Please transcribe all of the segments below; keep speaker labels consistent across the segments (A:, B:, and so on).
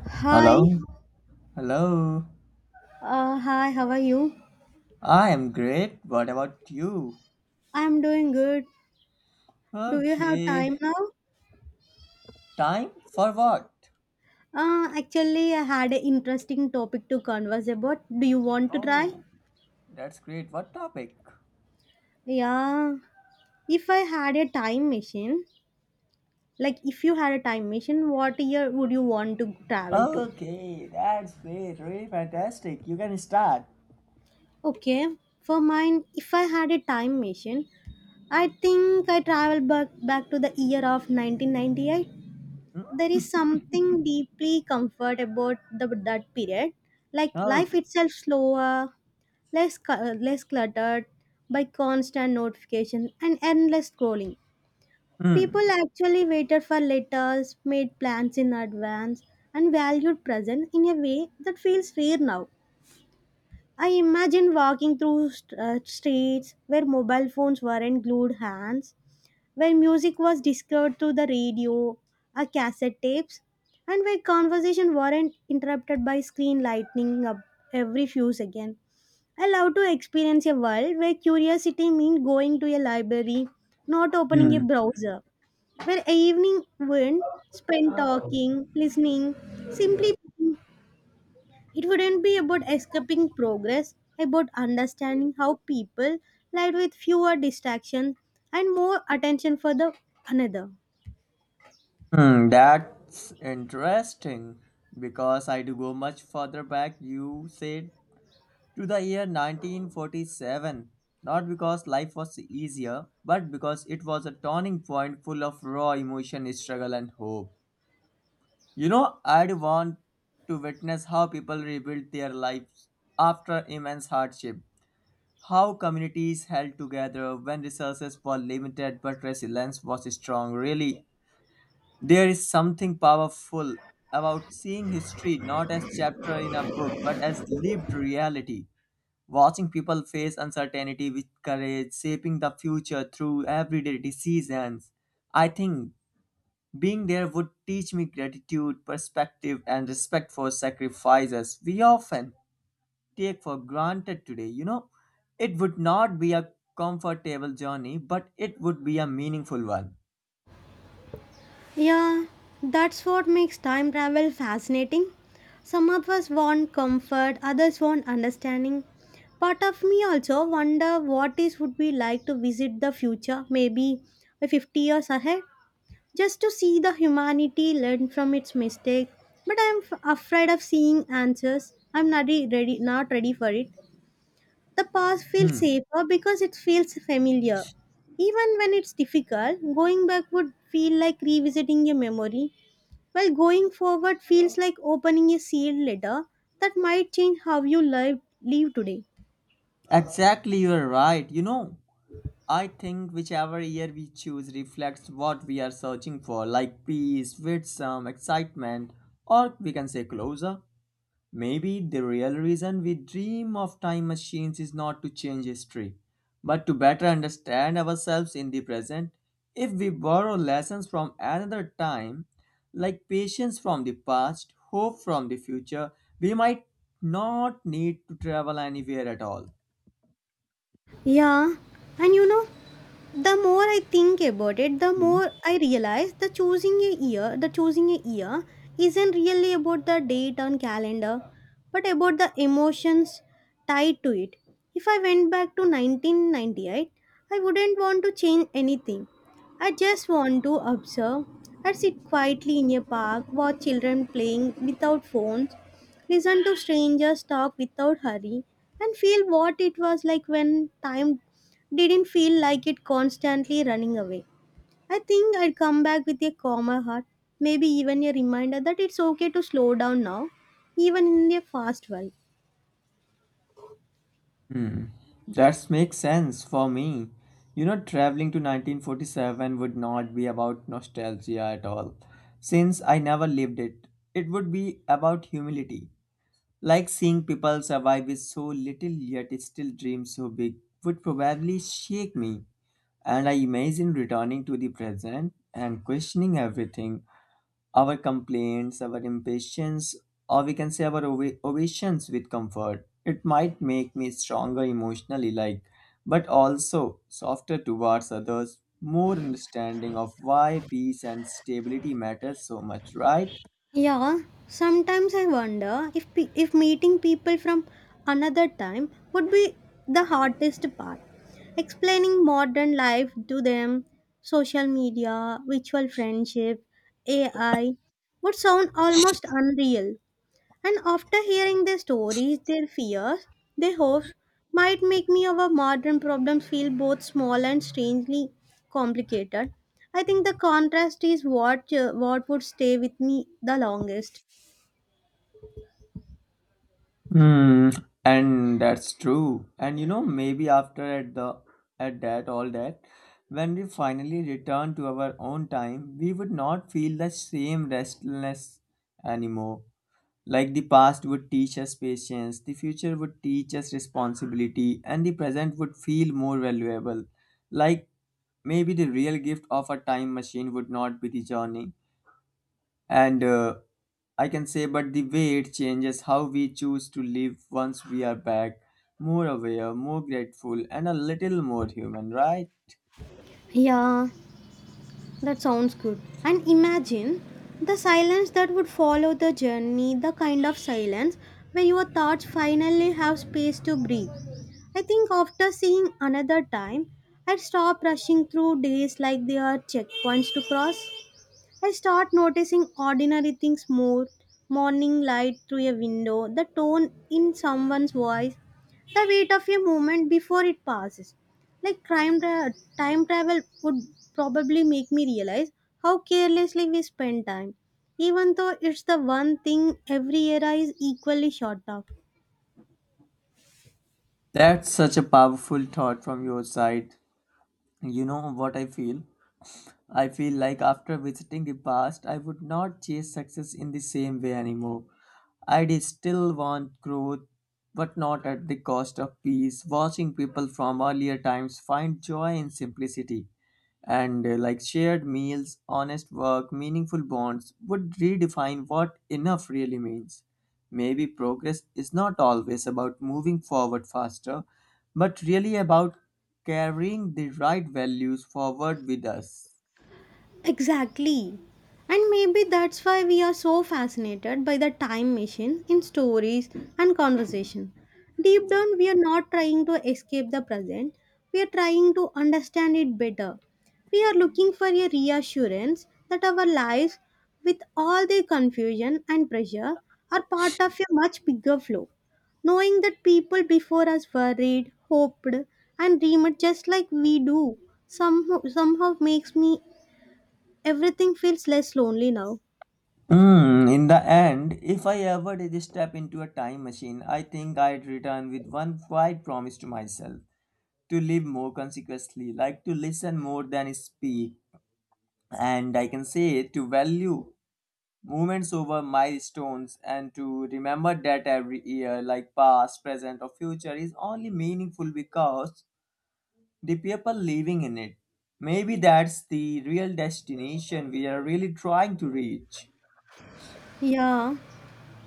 A: Hi,
B: Hello? Hello?
A: hi, how are you?
B: I am great. What about you?
A: I'm doing good. Do you have
B: Okay.
A: time now?
B: Time for what?
A: Actually, I had an interesting topic to converse about. Do you want to try?
B: Oh, that's great. What topic?
A: Yeah. If I had a time machine, like if you had a time machine, what year would you want to travel to?
B: Okay, that's great. Really fantastic. You can start.
A: Okay. For mine, if I had a time machine, I think I travel back to the year of 1998.
B: Hmm?
A: There is something deeply comfort about that period, like life
B: Okay.
A: itself slower, less cluttered by constant notification and endless scrolling.
B: Hmm.
A: People actually waited for letters, made plans in advance, and valued present in a way that feels rare now. I imagine walking through streets where mobile phones weren't glued hands, when music was discovered through the radio or cassette tapes, and where conversation weren't interrupted by screen lightning up every few seconds. I love to experience a world where curiosity means going to a library, not opening a
B: Hmm.
A: browser, where evening went spent talking, listening, simply being. It wouldn't be about escaping progress, about understanding how people lived with fewer distractions and more attention for the another.
B: Hmm. That's interesting because I do go much further back. You said to the year 1947, not because life was easier, but because it was a turning point full of raw emotion, struggle, and hope. You know, I'd want to witness how people rebuilt their lives after immense hardship, how communities held together when resources were limited but resilience was strong. Really, there is something powerful about seeing history not as chapter in a book but as lived reality. Watching people face uncertainty with courage, shaping the future through everyday decisions. I think being there would teach me gratitude, perspective, and respect for sacrifices we often take for granted today. You know, it would not be a comfortable journey, but it would be a meaningful one.
A: Yeah, that's what makes time travel fascinating. Some of us want comfort, others want understanding. Part of me also wonder what it would be like to visit the future, maybe 50 years ahead, just to see the humanity learn from its mistake. But I'm afraid of seeing answers. I'm not ready, not ready for it. The past feels
B: Hmm.
A: safer because it feels familiar. Even when it's difficult, going back would feel like revisiting a memory, while going forward feels like opening a sealed letter that might change how you live today.
B: Exactly, you're right. You know, I think whichever year we choose reflects what we are searching for, like peace, wisdom, excitement, or we can say closure. Maybe the real reason we dream of time machines is not to change history, but to better understand ourselves in the present. If we borrow lessons from another time, like patience from the past, hope from the future, we might not need to travel anywhere at all.
A: Yeah, and you know, the more I think about it, the more I realize the choosing a year isn't really about the date on calendar, but about the emotions tied to it. If I went back to 1998, I wouldn't want to change anything. I just want to observe. I sit quietly in a park, watch children playing without phone, listen to strangers talk without hurry, and feel what it was like when time didn't feel like it constantly running away. I think I'd come back with a calmer heart, maybe even a reminder that it's okay to slow down now, even in a fast world.
B: Hmm. That makes sense for me. You know, traveling to 1947 would not be about nostalgia at all, since I never lived it. It would be about humility. Like seeing people survive with so little yet still dream so big would probably shake me. And I imagine returning to the present and questioning everything, our complaints, our impatience, or we can say our ovations with comfort. It might make me stronger emotionally, like, but also softer towards others, more understanding of why peace and stability matters so much, right?
A: Yeah, sometimes I wonder if if meeting people from another time would be the hardest part. Explaining modern life to them, social media, virtual friendship, AI would sound almost unreal. And after hearing their stories, their fears, their hopes might make me our modern problems feel both small and strangely complicated. I think the contrast is what would stay with me the longest.
B: Hmm, and that's true. And you know, maybe after at that all that, when we finally return to our own time, we would not feel the same restlessness anymore. Like the past would teach us patience, the future would teach us responsibility, and the present would feel more valuable. Like maybe the real gift of a time machine would not be the journey, and I can say, but the way it changes how we choose to live once we are back, more aware, more grateful, and a little more human, right?
A: Yeah, that sounds good. And imagine the silence that would follow the journey, the kind of silence where your thoughts finally have space to breathe. I think after seeing another time, I stop rushing through days like they are checkpoints to cross. I start noticing ordinary things more, morning light through a window, the tone in someone's voice, the weight of a moment before it passes. Like time travel would probably make me realize how carelessly we spend time, even though it's the one thing every era is equally short of.
B: That's such a powerful thought from your side. You know what I feel? I feel like after visiting the past, I would not chase success in the same way anymore. I'd still want growth, but not at the cost of peace. Watching people from earlier times find joy in simplicity, and like shared meals, honest work, meaningful bonds would redefine what enough really means. Maybe progress is not always about moving forward faster, but really about carrying the right values forward with us.
A: Exactly. And maybe that's why we are so fascinated by the time machine in stories and conversation. Deep down, we are not trying to escape the present, we are trying to understand it better. We are looking for a reassurance that our lives, with all their confusion and pressure, are part of a much bigger flow. Knowing that people before us worried, hoped, and dreamed just like we do somehow makes me everything feels less lonely now.
B: Hmm. In the end, if I ever did step into a time machine, I think I'd return with one quiet promise to myself to live more consequently, like to listen more than speak, and I can say to value moments over milestones and to remember that every year, like past, present, or future, is only meaningful because the people living in it. Maybe that's the real destination we are really trying to reach.
A: Yeah,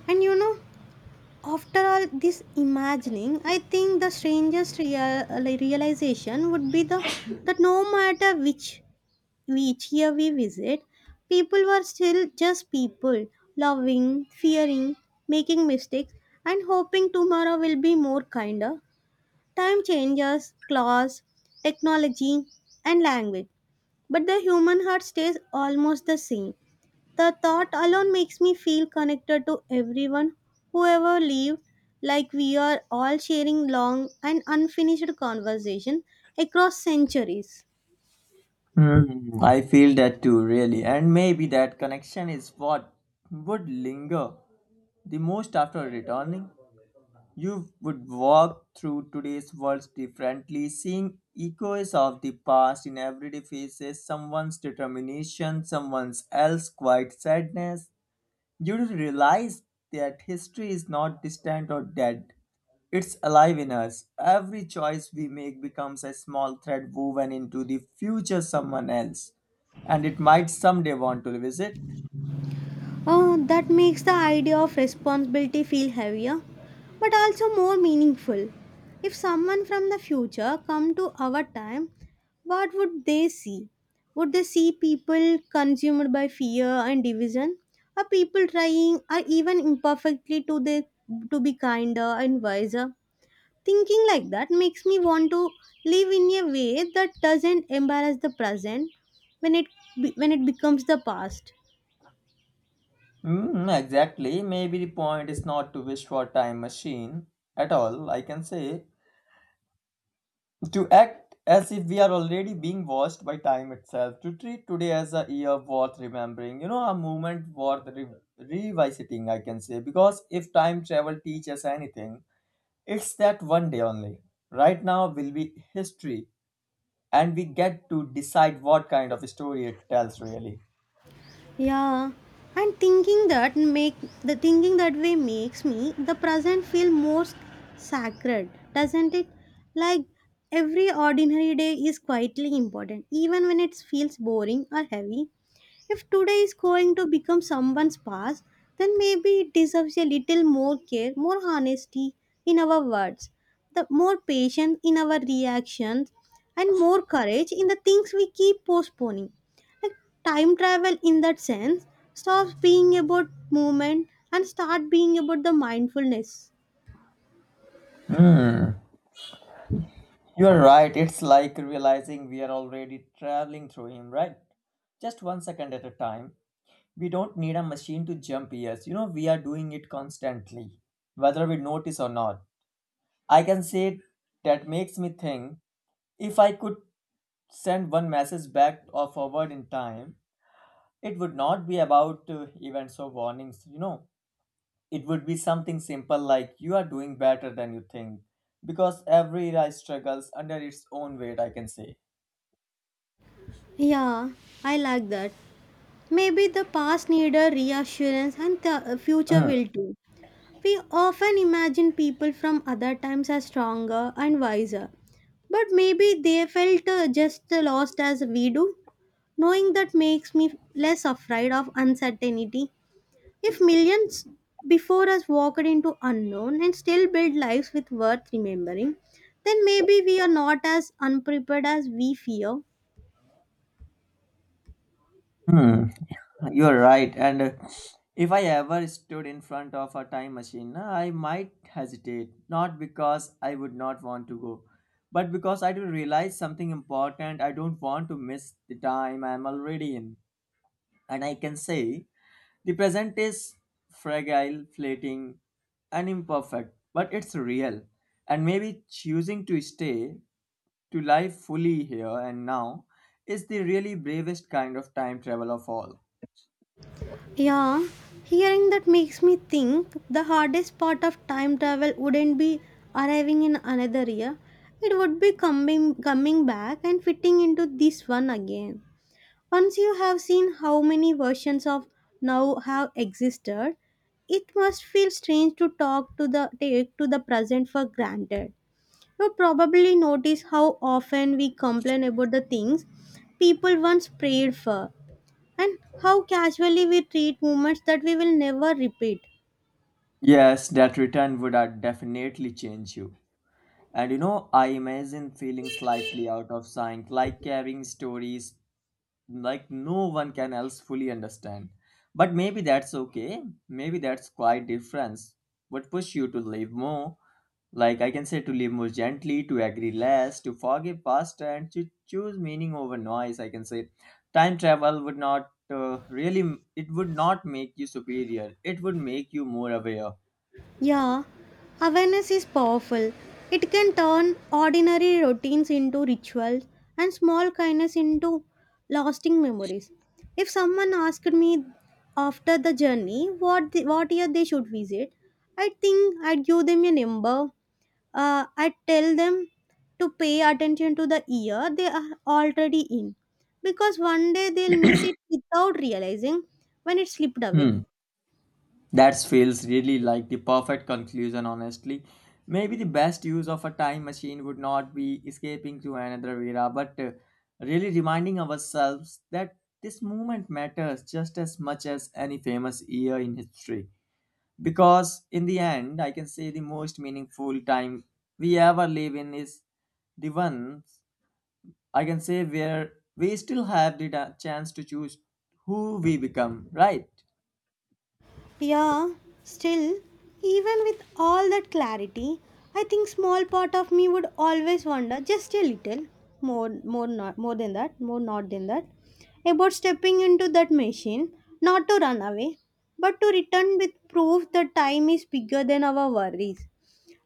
A: and you know, after all this imagining, I think the strangest realization would be the that no matter which year we visit, people were still just people, loving, fearing, making mistakes, and hoping tomorrow will be more kinder. Time changes, class, technology, and language, but the human heart stays almost the same. The thought alone makes me feel connected to everyone who ever lived, like we are all sharing long and unfinished conversation across centuries.
B: Hmm, I feel that too, really. And maybe that connection is what would linger the most after returning. You would walk through today's world differently, seeing echoes of the past in everyday faces, someone's determination, someone's else quiet sadness. You would realize that history is not distant or dead. It's alive in us. Every choice we make becomes a small thread woven into the future someone else, and it might someday want to revisit.
A: That makes the idea of responsibility feel heavier, but also more meaningful. If someone from the future come to our time, what would they see? Would they see people consumed by fear and division, or people trying, or even imperfectly, to be kinder and wiser? Thinking like that makes me want to live in a way that doesn't embarrass the present when it becomes the past.
B: Mm, exactly. Maybe the point is not to wish for a time machine at all, I can say. To act as if we are already being watched by time itself. To treat today as a year worth remembering. You know, a moment worth revisiting, I can say. Because if time travel teaches anything, it's that one day only. Right now will be history, and we get to decide what kind of story it tells, really.
A: Yeah, and thinking that way makes me the present feel more sacred, doesn't it? Like every ordinary day is quietly important, even when it feels boring or heavy. If today is going to become someone's past, then maybe it deserves a little more care, more honesty in our words, the more patience in our reactions, and more courage in the things we keep postponing. Like time travel in that sense stops being about movement and start being about the mindfulness.
B: Hmm, you're right. It's like realizing we are already traveling through him, right? Just one second at a time. We don't need a machine to jump years. You know, we are doing it constantly, whether we notice or not. I can say that makes me think if I could send one message back or forward in time, it would not be about events or warnings. You know, it would be something simple like you are doing better than you think because every era struggles under its own weight, I can say.
A: Yeah, I like that. Maybe the past need a reassurance and the future
B: Mm,
A: will too. We often imagine people from other times as stronger and wiser, but maybe they felt just lost as we do. Knowing that makes me less afraid of uncertainty. If millions before us walked into unknown and still built lives with worth remembering, then maybe we are not as unprepared as we fear.
B: hmm, you're right. And if I ever stood in front of a time machine, I might hesitate, not because I would not want to go, but because I do realize something important. I don't want to miss the time I'm already in. And I can say the present is fragile, fleeting, and imperfect, but it's real. And maybe choosing to stay, to live fully here and now, is the really bravest kind of time travel of all.
A: Yeah, hearing that makes me think the hardest part of time travel wouldn't be arriving in another year. It would be coming back and fitting into this one again. Once you have seen how many versions of now have existed, it must feel strange to talk to the take to the present for granted. You probably notice how often we complain about the things people once prayed for and how casually we treat moments that we will never repeat.
B: Yes, that return would definitely change you. And you know, I imagine feeling slightly out of sync, like carrying stories like no one can else fully understand, but maybe that's okay. Maybe that's quite difference what push you to live more, like I can say, to live more gently, to agree less, to forgive faster, and to choose meaning over noise, I can say. Time travel would not really, it would not make you superior, it would make you more aware.
A: Yeah, awareness is powerful. It can turn ordinary routines into rituals and small kindness into lasting memories. If someone asked me after the journey what year they should visit, I think I'd give them a number. I'd tell them to pay attention to the year they are already in, because one day they'll miss it without realizing when it slipped away.
B: Hmm. That feels really like the perfect conclusion, honestly. Maybe the best use of a time machine would not be escaping to another era, but really reminding ourselves that this moment matters just as much as any famous year in history. Because in the end, I can say the most meaningful time we ever live in is the ones, I can say, where we still have the chance to choose who we become, right?
A: Yeah, still, even with all that clarity, I think small part of me would always wonder just a little more not than that about stepping into that machine, not to run away, but to return with proof that time is bigger than our worries.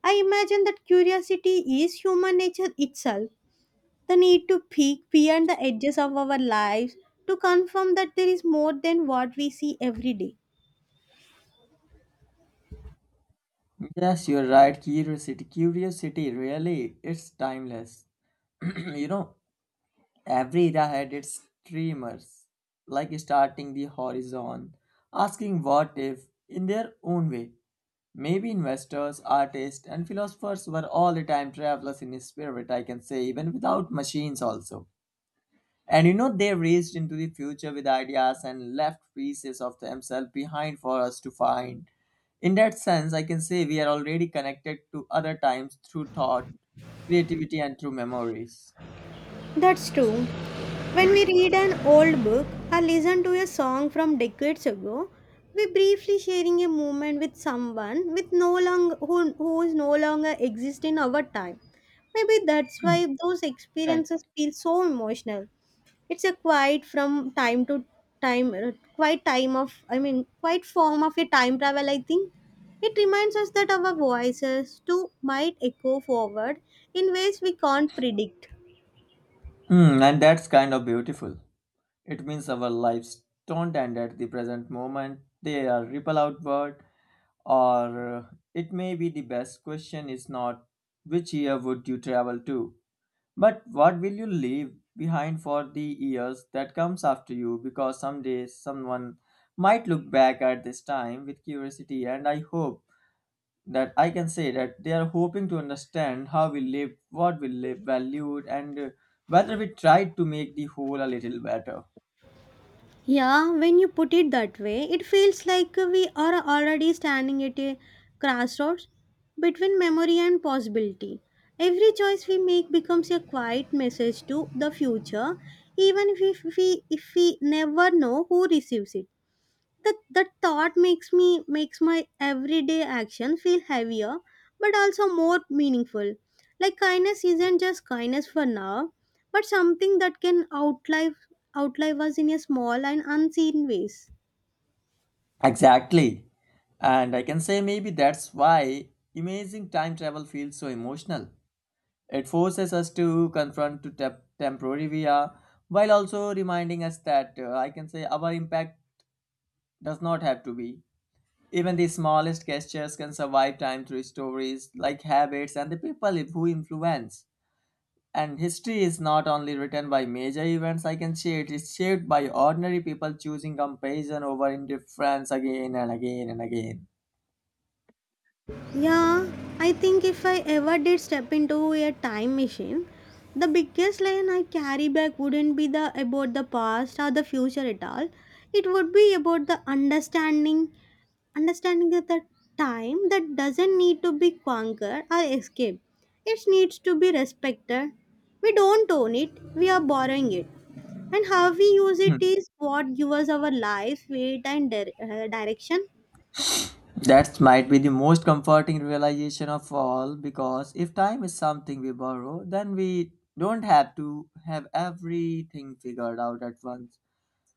A: I imagine that curiosity is human nature itself, the need to peek beyond the edges of our lives to confirm that there is more than what we see every day.
B: Yes, you're right. Curiosity, curiosity, really, it's timeless. You know, every era had its dreamers, like starting the horizon, asking what if in their own way. Maybe investors, artists, and philosophers were all the time travelers in spirit, I can say, even without machines, also. And you know, they raced into the future with ideas and left pieces of themselves behind for us to find. In that sense, I can say we are already connected to other times through thought, creativity, and through memories.
A: That's true. When we read an old book or listen to a song from decades ago, we briefly sharing a moment with someone with no longer who is no longer exist in our time. Maybe that's
B: Mm,
A: why those
B: right.
A: experiences feel so emotional. It's a quiet from time to time, quiet time of I mean, quiet form of a time travel. I think it reminds us that our voices too might echo forward in ways we can't predict.
B: Mm, and that's kind of beautiful. It means our lives don't end at the present moment, they are ripple outward. Or it may be the best question is not which year would you travel to, but what will you leave behind for the years that comes after you? Because someday someone might look back at this time with curiosity, and I hope that, I can say, that they are hoping to understand how we lived, what we lived, valued, and whether we tried to make the whole a little better.
A: Yeah, when you put it that way, it feels like we are already standing at a crossroads between memory and possibility. Every choice we make becomes a quiet message to the future, even if we never know who receives it. That thought makes my everyday action feel heavier, but also more meaningful, like kindness isn't just kindness for now, but something that can outlive us in a small and unseen ways.
B: Exactly. And I can say maybe that's why amazing time travel feels so emotional. It forces us to confront to temporary via, while also reminding us that I can say our impact does not have to be. Even the smallest gestures can survive time through stories like habits and the people who influence. And history is not only written by major events, I can say it is shaped by ordinary people choosing compassion over indifference again and again and again.
A: Yeah, I think if I ever did step into a time machine, the biggest lesson I carry back wouldn't be the about the past or the future at all. It would be about the understanding that the time that doesn't need to be conquered or escaped, it needs to be respected. We don't own it, we are borrowing it, and how we use it is what gives our life weight and direction.
B: That might be the most comforting realization of all because if time is something we borrow, then we don't have to have everything figured out at once.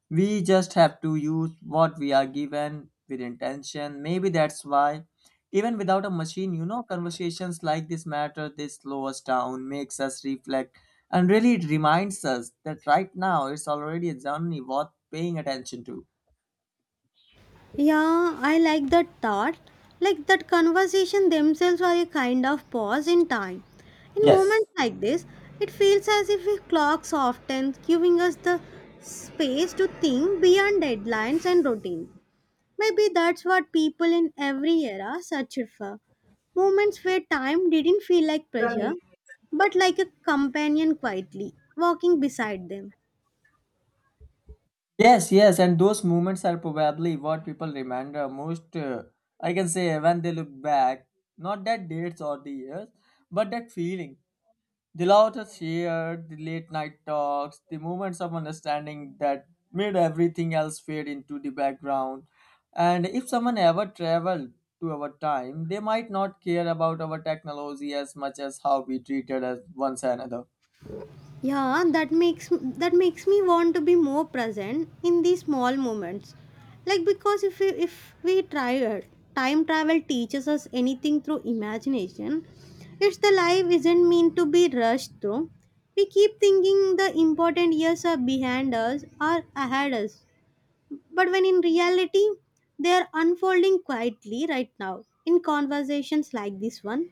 B: We just have to use what we are given with intention. Maybe that's why, even without a machine, you know, conversations like this matter, they slow us down, makes us reflect, and really it reminds us that right now it's already only worth paying attention to.
A: Yeah, I like that thought, like that conversation themselves are a kind of pause in time, in
B: Yes,
A: moments like this. It feels as if a clock softens, giving us the space to think beyond deadlines and routines. Maybe that's what people in every era search for, moments where time didn't feel like pressure, but like a companion quietly walking beside them.
B: yes, yes, and those moments are probably what people remember most. I can say when they look back, not that dates or the years, but that feeling. The laughter shared, the late night talks, the moments of understanding that made everything else fade into the background. And if someone ever traveled to our time, they might not care about our technology as much as how we treated as one another.
A: Yeah, that makes me want to be more present in these small moments. Like because if we try time travel teaches us anything through imagination, it's the life isn't meant to be rushed through. We keep thinking the important years are behind us or ahead us, but when in reality they are unfolding quietly right now in conversations like this one.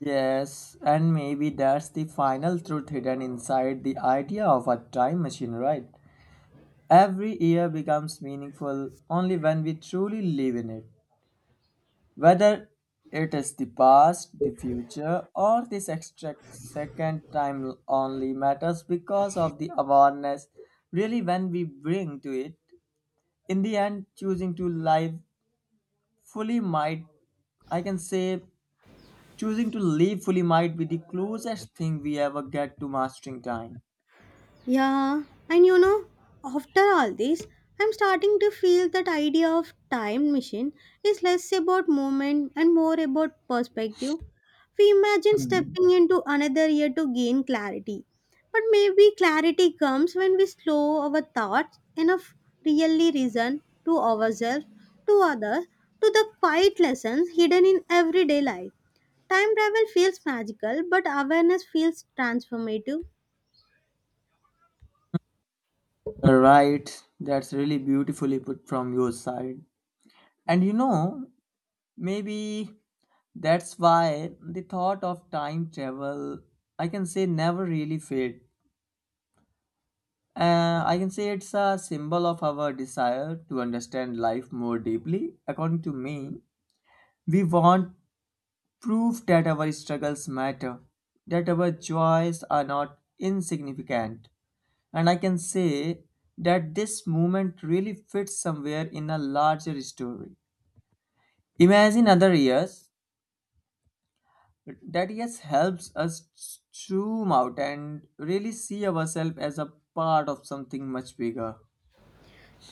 B: Yes, and maybe that's the final truth hidden inside the idea of a time machine, right? Every year becomes meaningful only when we truly live in it. Whether it is the past, the future, or this extra second time only matters because of the awareness really when we bring to it. In the end, fully might, I can say, choosing to live fully might be the closest thing we ever get to mastering time.
A: Yeah, and you know, after all this, I'm starting to feel that idea of time machine is less about movement and more about perspective. We imagine
B: Hmm.
A: stepping into another year to gain clarity. But maybe clarity comes when we slow our thoughts enough, really reason to ourselves, to others, to the quiet lessons hidden in everyday life. Time travel feels magical, but awareness feels transformative.
B: Right, that's really beautifully put from your side. And you know, maybe that's why the thought of time travel, I can say, never really fade. I can say it's a symbol of our desire to understand life more deeply. According to me, we want proof that our struggles matter, that our joys are not insignificant. And I can say that this movement really fits somewhere in a larger story. Imagine other years, that yes helps us zoom out and really see ourselves as a part of something much bigger.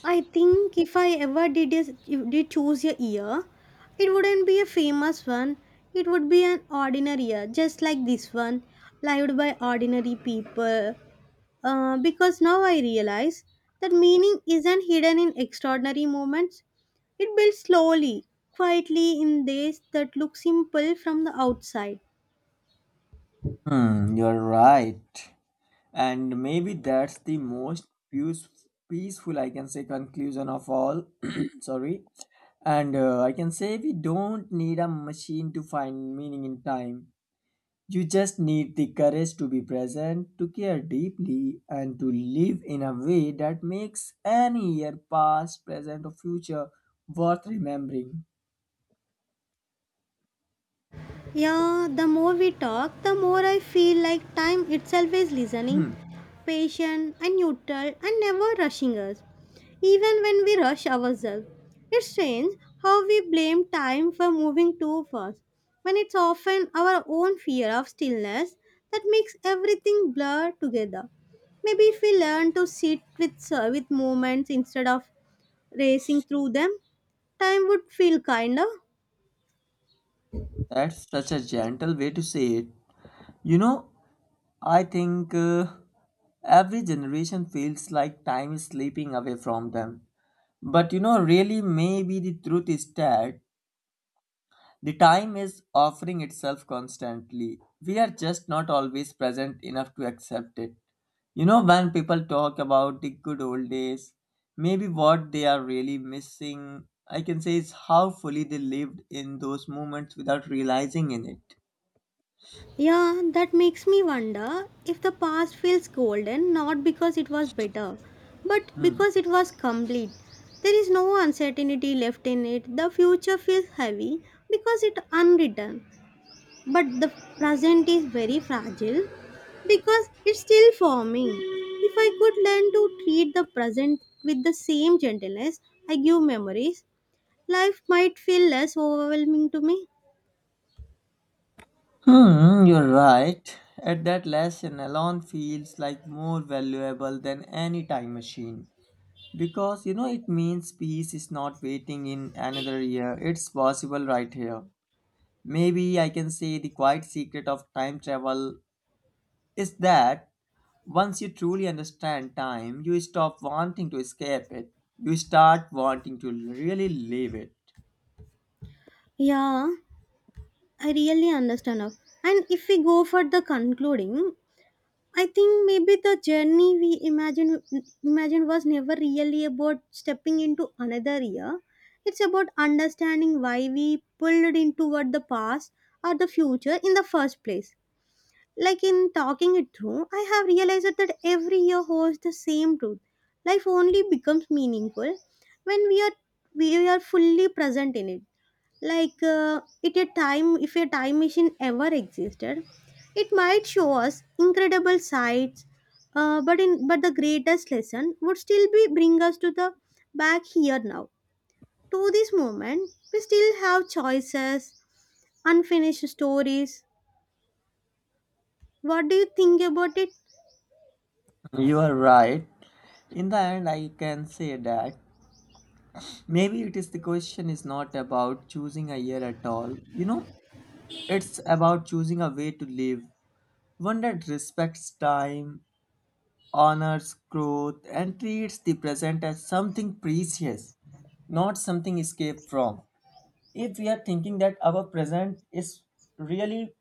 A: I think if I ever did, if did choose a year, it wouldn't be a famous one. It would be an ordinary year, just like this one, lived by ordinary people. Because now I realize that meaning isn't hidden in extraordinary moments. It builds slowly, quietly, in days that look simple from the outside.
B: Hmm, you're right. And maybe that's the most peace- peaceful, I can say, conclusion of all. Sorry. And I can say we don't need a machine to find meaning in time. You just need the courage to be present, to care deeply, and to live in a way that makes any year, past, present, or future, worth remembering.
A: Yeah, the more we talk, the more I feel like time itself is listening,
B: Hmm,
A: patient and neutral and never rushing us, even when we rush ourselves. It's strange how we blame time for moving too fast, when it's often our own fear of stillness that makes everything blur together. Maybe if we learn to sit with moments instead of racing through them, time would feel kinder.
B: that's such a gentle way to say it. You know, I think every generation feels like time is slipping away from them. But you know, really, maybe the truth is that the time is offering itself constantly. We are just not always present enough to accept it. You know, when people talk about the good old days, maybe what they are really missing, I can say, is how fully they lived in those moments without realizing in it.
A: Yeah, that makes me wonder if the past feels golden not because it was better, but
B: Hmm.
A: because it was complete. There is no uncertainty left in it. The future feels heavy because it unwritten, but the present is very fragile because it's still forming. If I could learn to treat the present with the same gentleness I give memories, life might feel less overwhelming to me.
B: Hmm, you're right. At that lesson alone feels like more valuable than any time machine. Because you know it means peace is not waiting in another year. It's possible right here. Maybe I can say the quiet secret of time travel is that once you truly understand time, you stop wanting to escape it. You start wanting to really live it.
A: Yeah, I really understand now. And if we go for the concluding, I think maybe the journey we imagine was never really about stepping into another year. It's about understanding why we pulled in toward the past or the future in the first place. Like, in talking it through, I have realized that every year holds the same truth. Life only becomes meaningful when we are fully present in it. Like it a time if a time machine ever existed, it might show us incredible sights, but the greatest lesson would still be bring us to the back here now, to this moment we still have choices, unfinished stories. What do you think about it?
B: You are right. In the end, I can say that maybe it is the question is not about choosing a year at all. You know, it's about choosing a way to live, one that respects time, honors growth, and treats the present as something precious, not something escaped from. If we are thinking that our present is really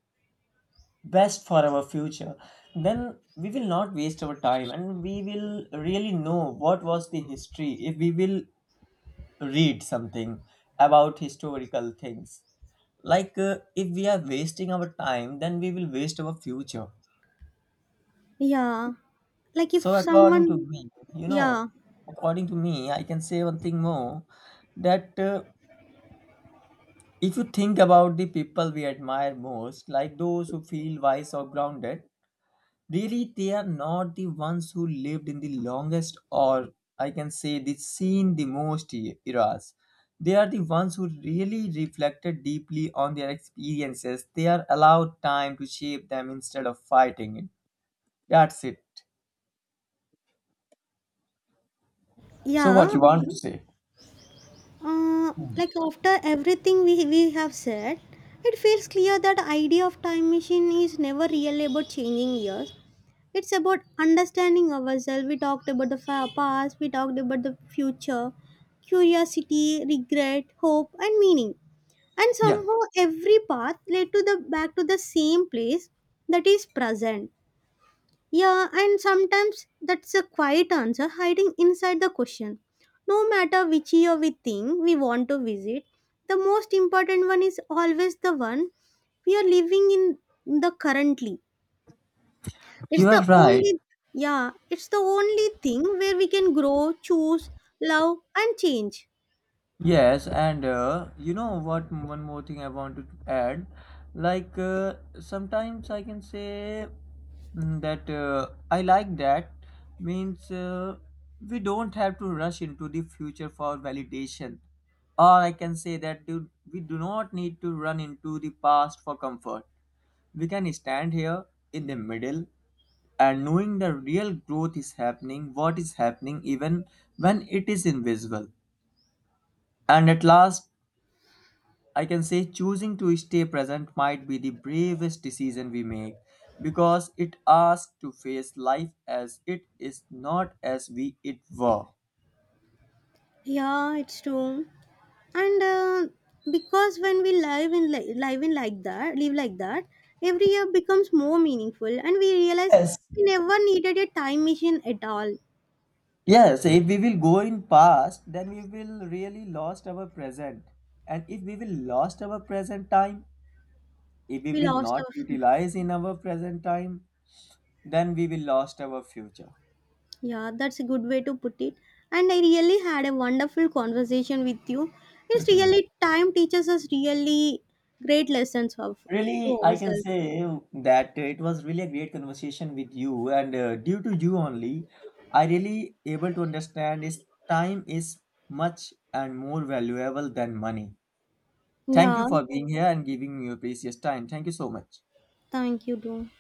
B: best for our future, then we will not waste our time and we will really know what was the history if we will read something about historical things. Like if we are wasting our time, then we will waste our future.
A: Yeah, like
B: So
A: if
B: according to
A: someone.
B: me, you know,
A: Yeah.
B: according to me I can say one thing more, that if you think about the people we admire most, like those who feel wise or grounded, really they are not the ones who lived in the longest, or I can say they seen the most eras. They are the ones who really reflected deeply on their experiences, they are allowed time to shape them instead of fighting it. That's it. So
A: Yeah.
B: what you want to say?
A: Like, after everything we have said, it feels clear that idea of time machine is never really about changing years. It's about understanding ourselves. We talked about the past, we talked about the future, curiosity, regret, hope, and meaning. And
B: Yeah,
A: somehow every path led to the back to the same place, that is present. Yeah, and sometimes that's a quiet answer hiding inside the question. No matter which year we think we want to visit, the most important one is always the one we are living in the currently. It's
B: you are
A: the
B: right.
A: only. Yeah, it's the only thing where we can grow, choose, love and change.
B: Yes, and you know what? One more thing I want to add, like sometimes I can say mm, that I like that means we don't have to rush into the future for validation, or I can say that we do not need to run into the past for comfort. We can stand here in the middle and knowing the real growth is happening, what is happening, even when it is invisible. And at last I can say choosing to stay present might be the bravest decision we make, because it asks to face life as it is, not as we it were.
A: Yeah, it's true. And because when we live in li- live in like that live like that, every year becomes more meaningful and we realize
B: Yes.
A: we never needed a time machine at all.
B: Yes, if we will go in past, then we will really lost our present. And if we will lost our present time, if we
A: We
B: will
A: lost
B: not
A: our
B: utilize in our present time, then we will lost our future.
A: yeah, that's a good way to put it. And I really had a wonderful conversation with you. It's really time teaches us really great lessons of,
B: Really,
A: to
B: I can
A: ourselves.
B: say that it was really a great conversation with you, and due to you only, I really able to understand is time is much and more valuable than money. Thank
A: Yeah,
B: you for being here and giving me your precious time. Thank you so much.
A: thank you too.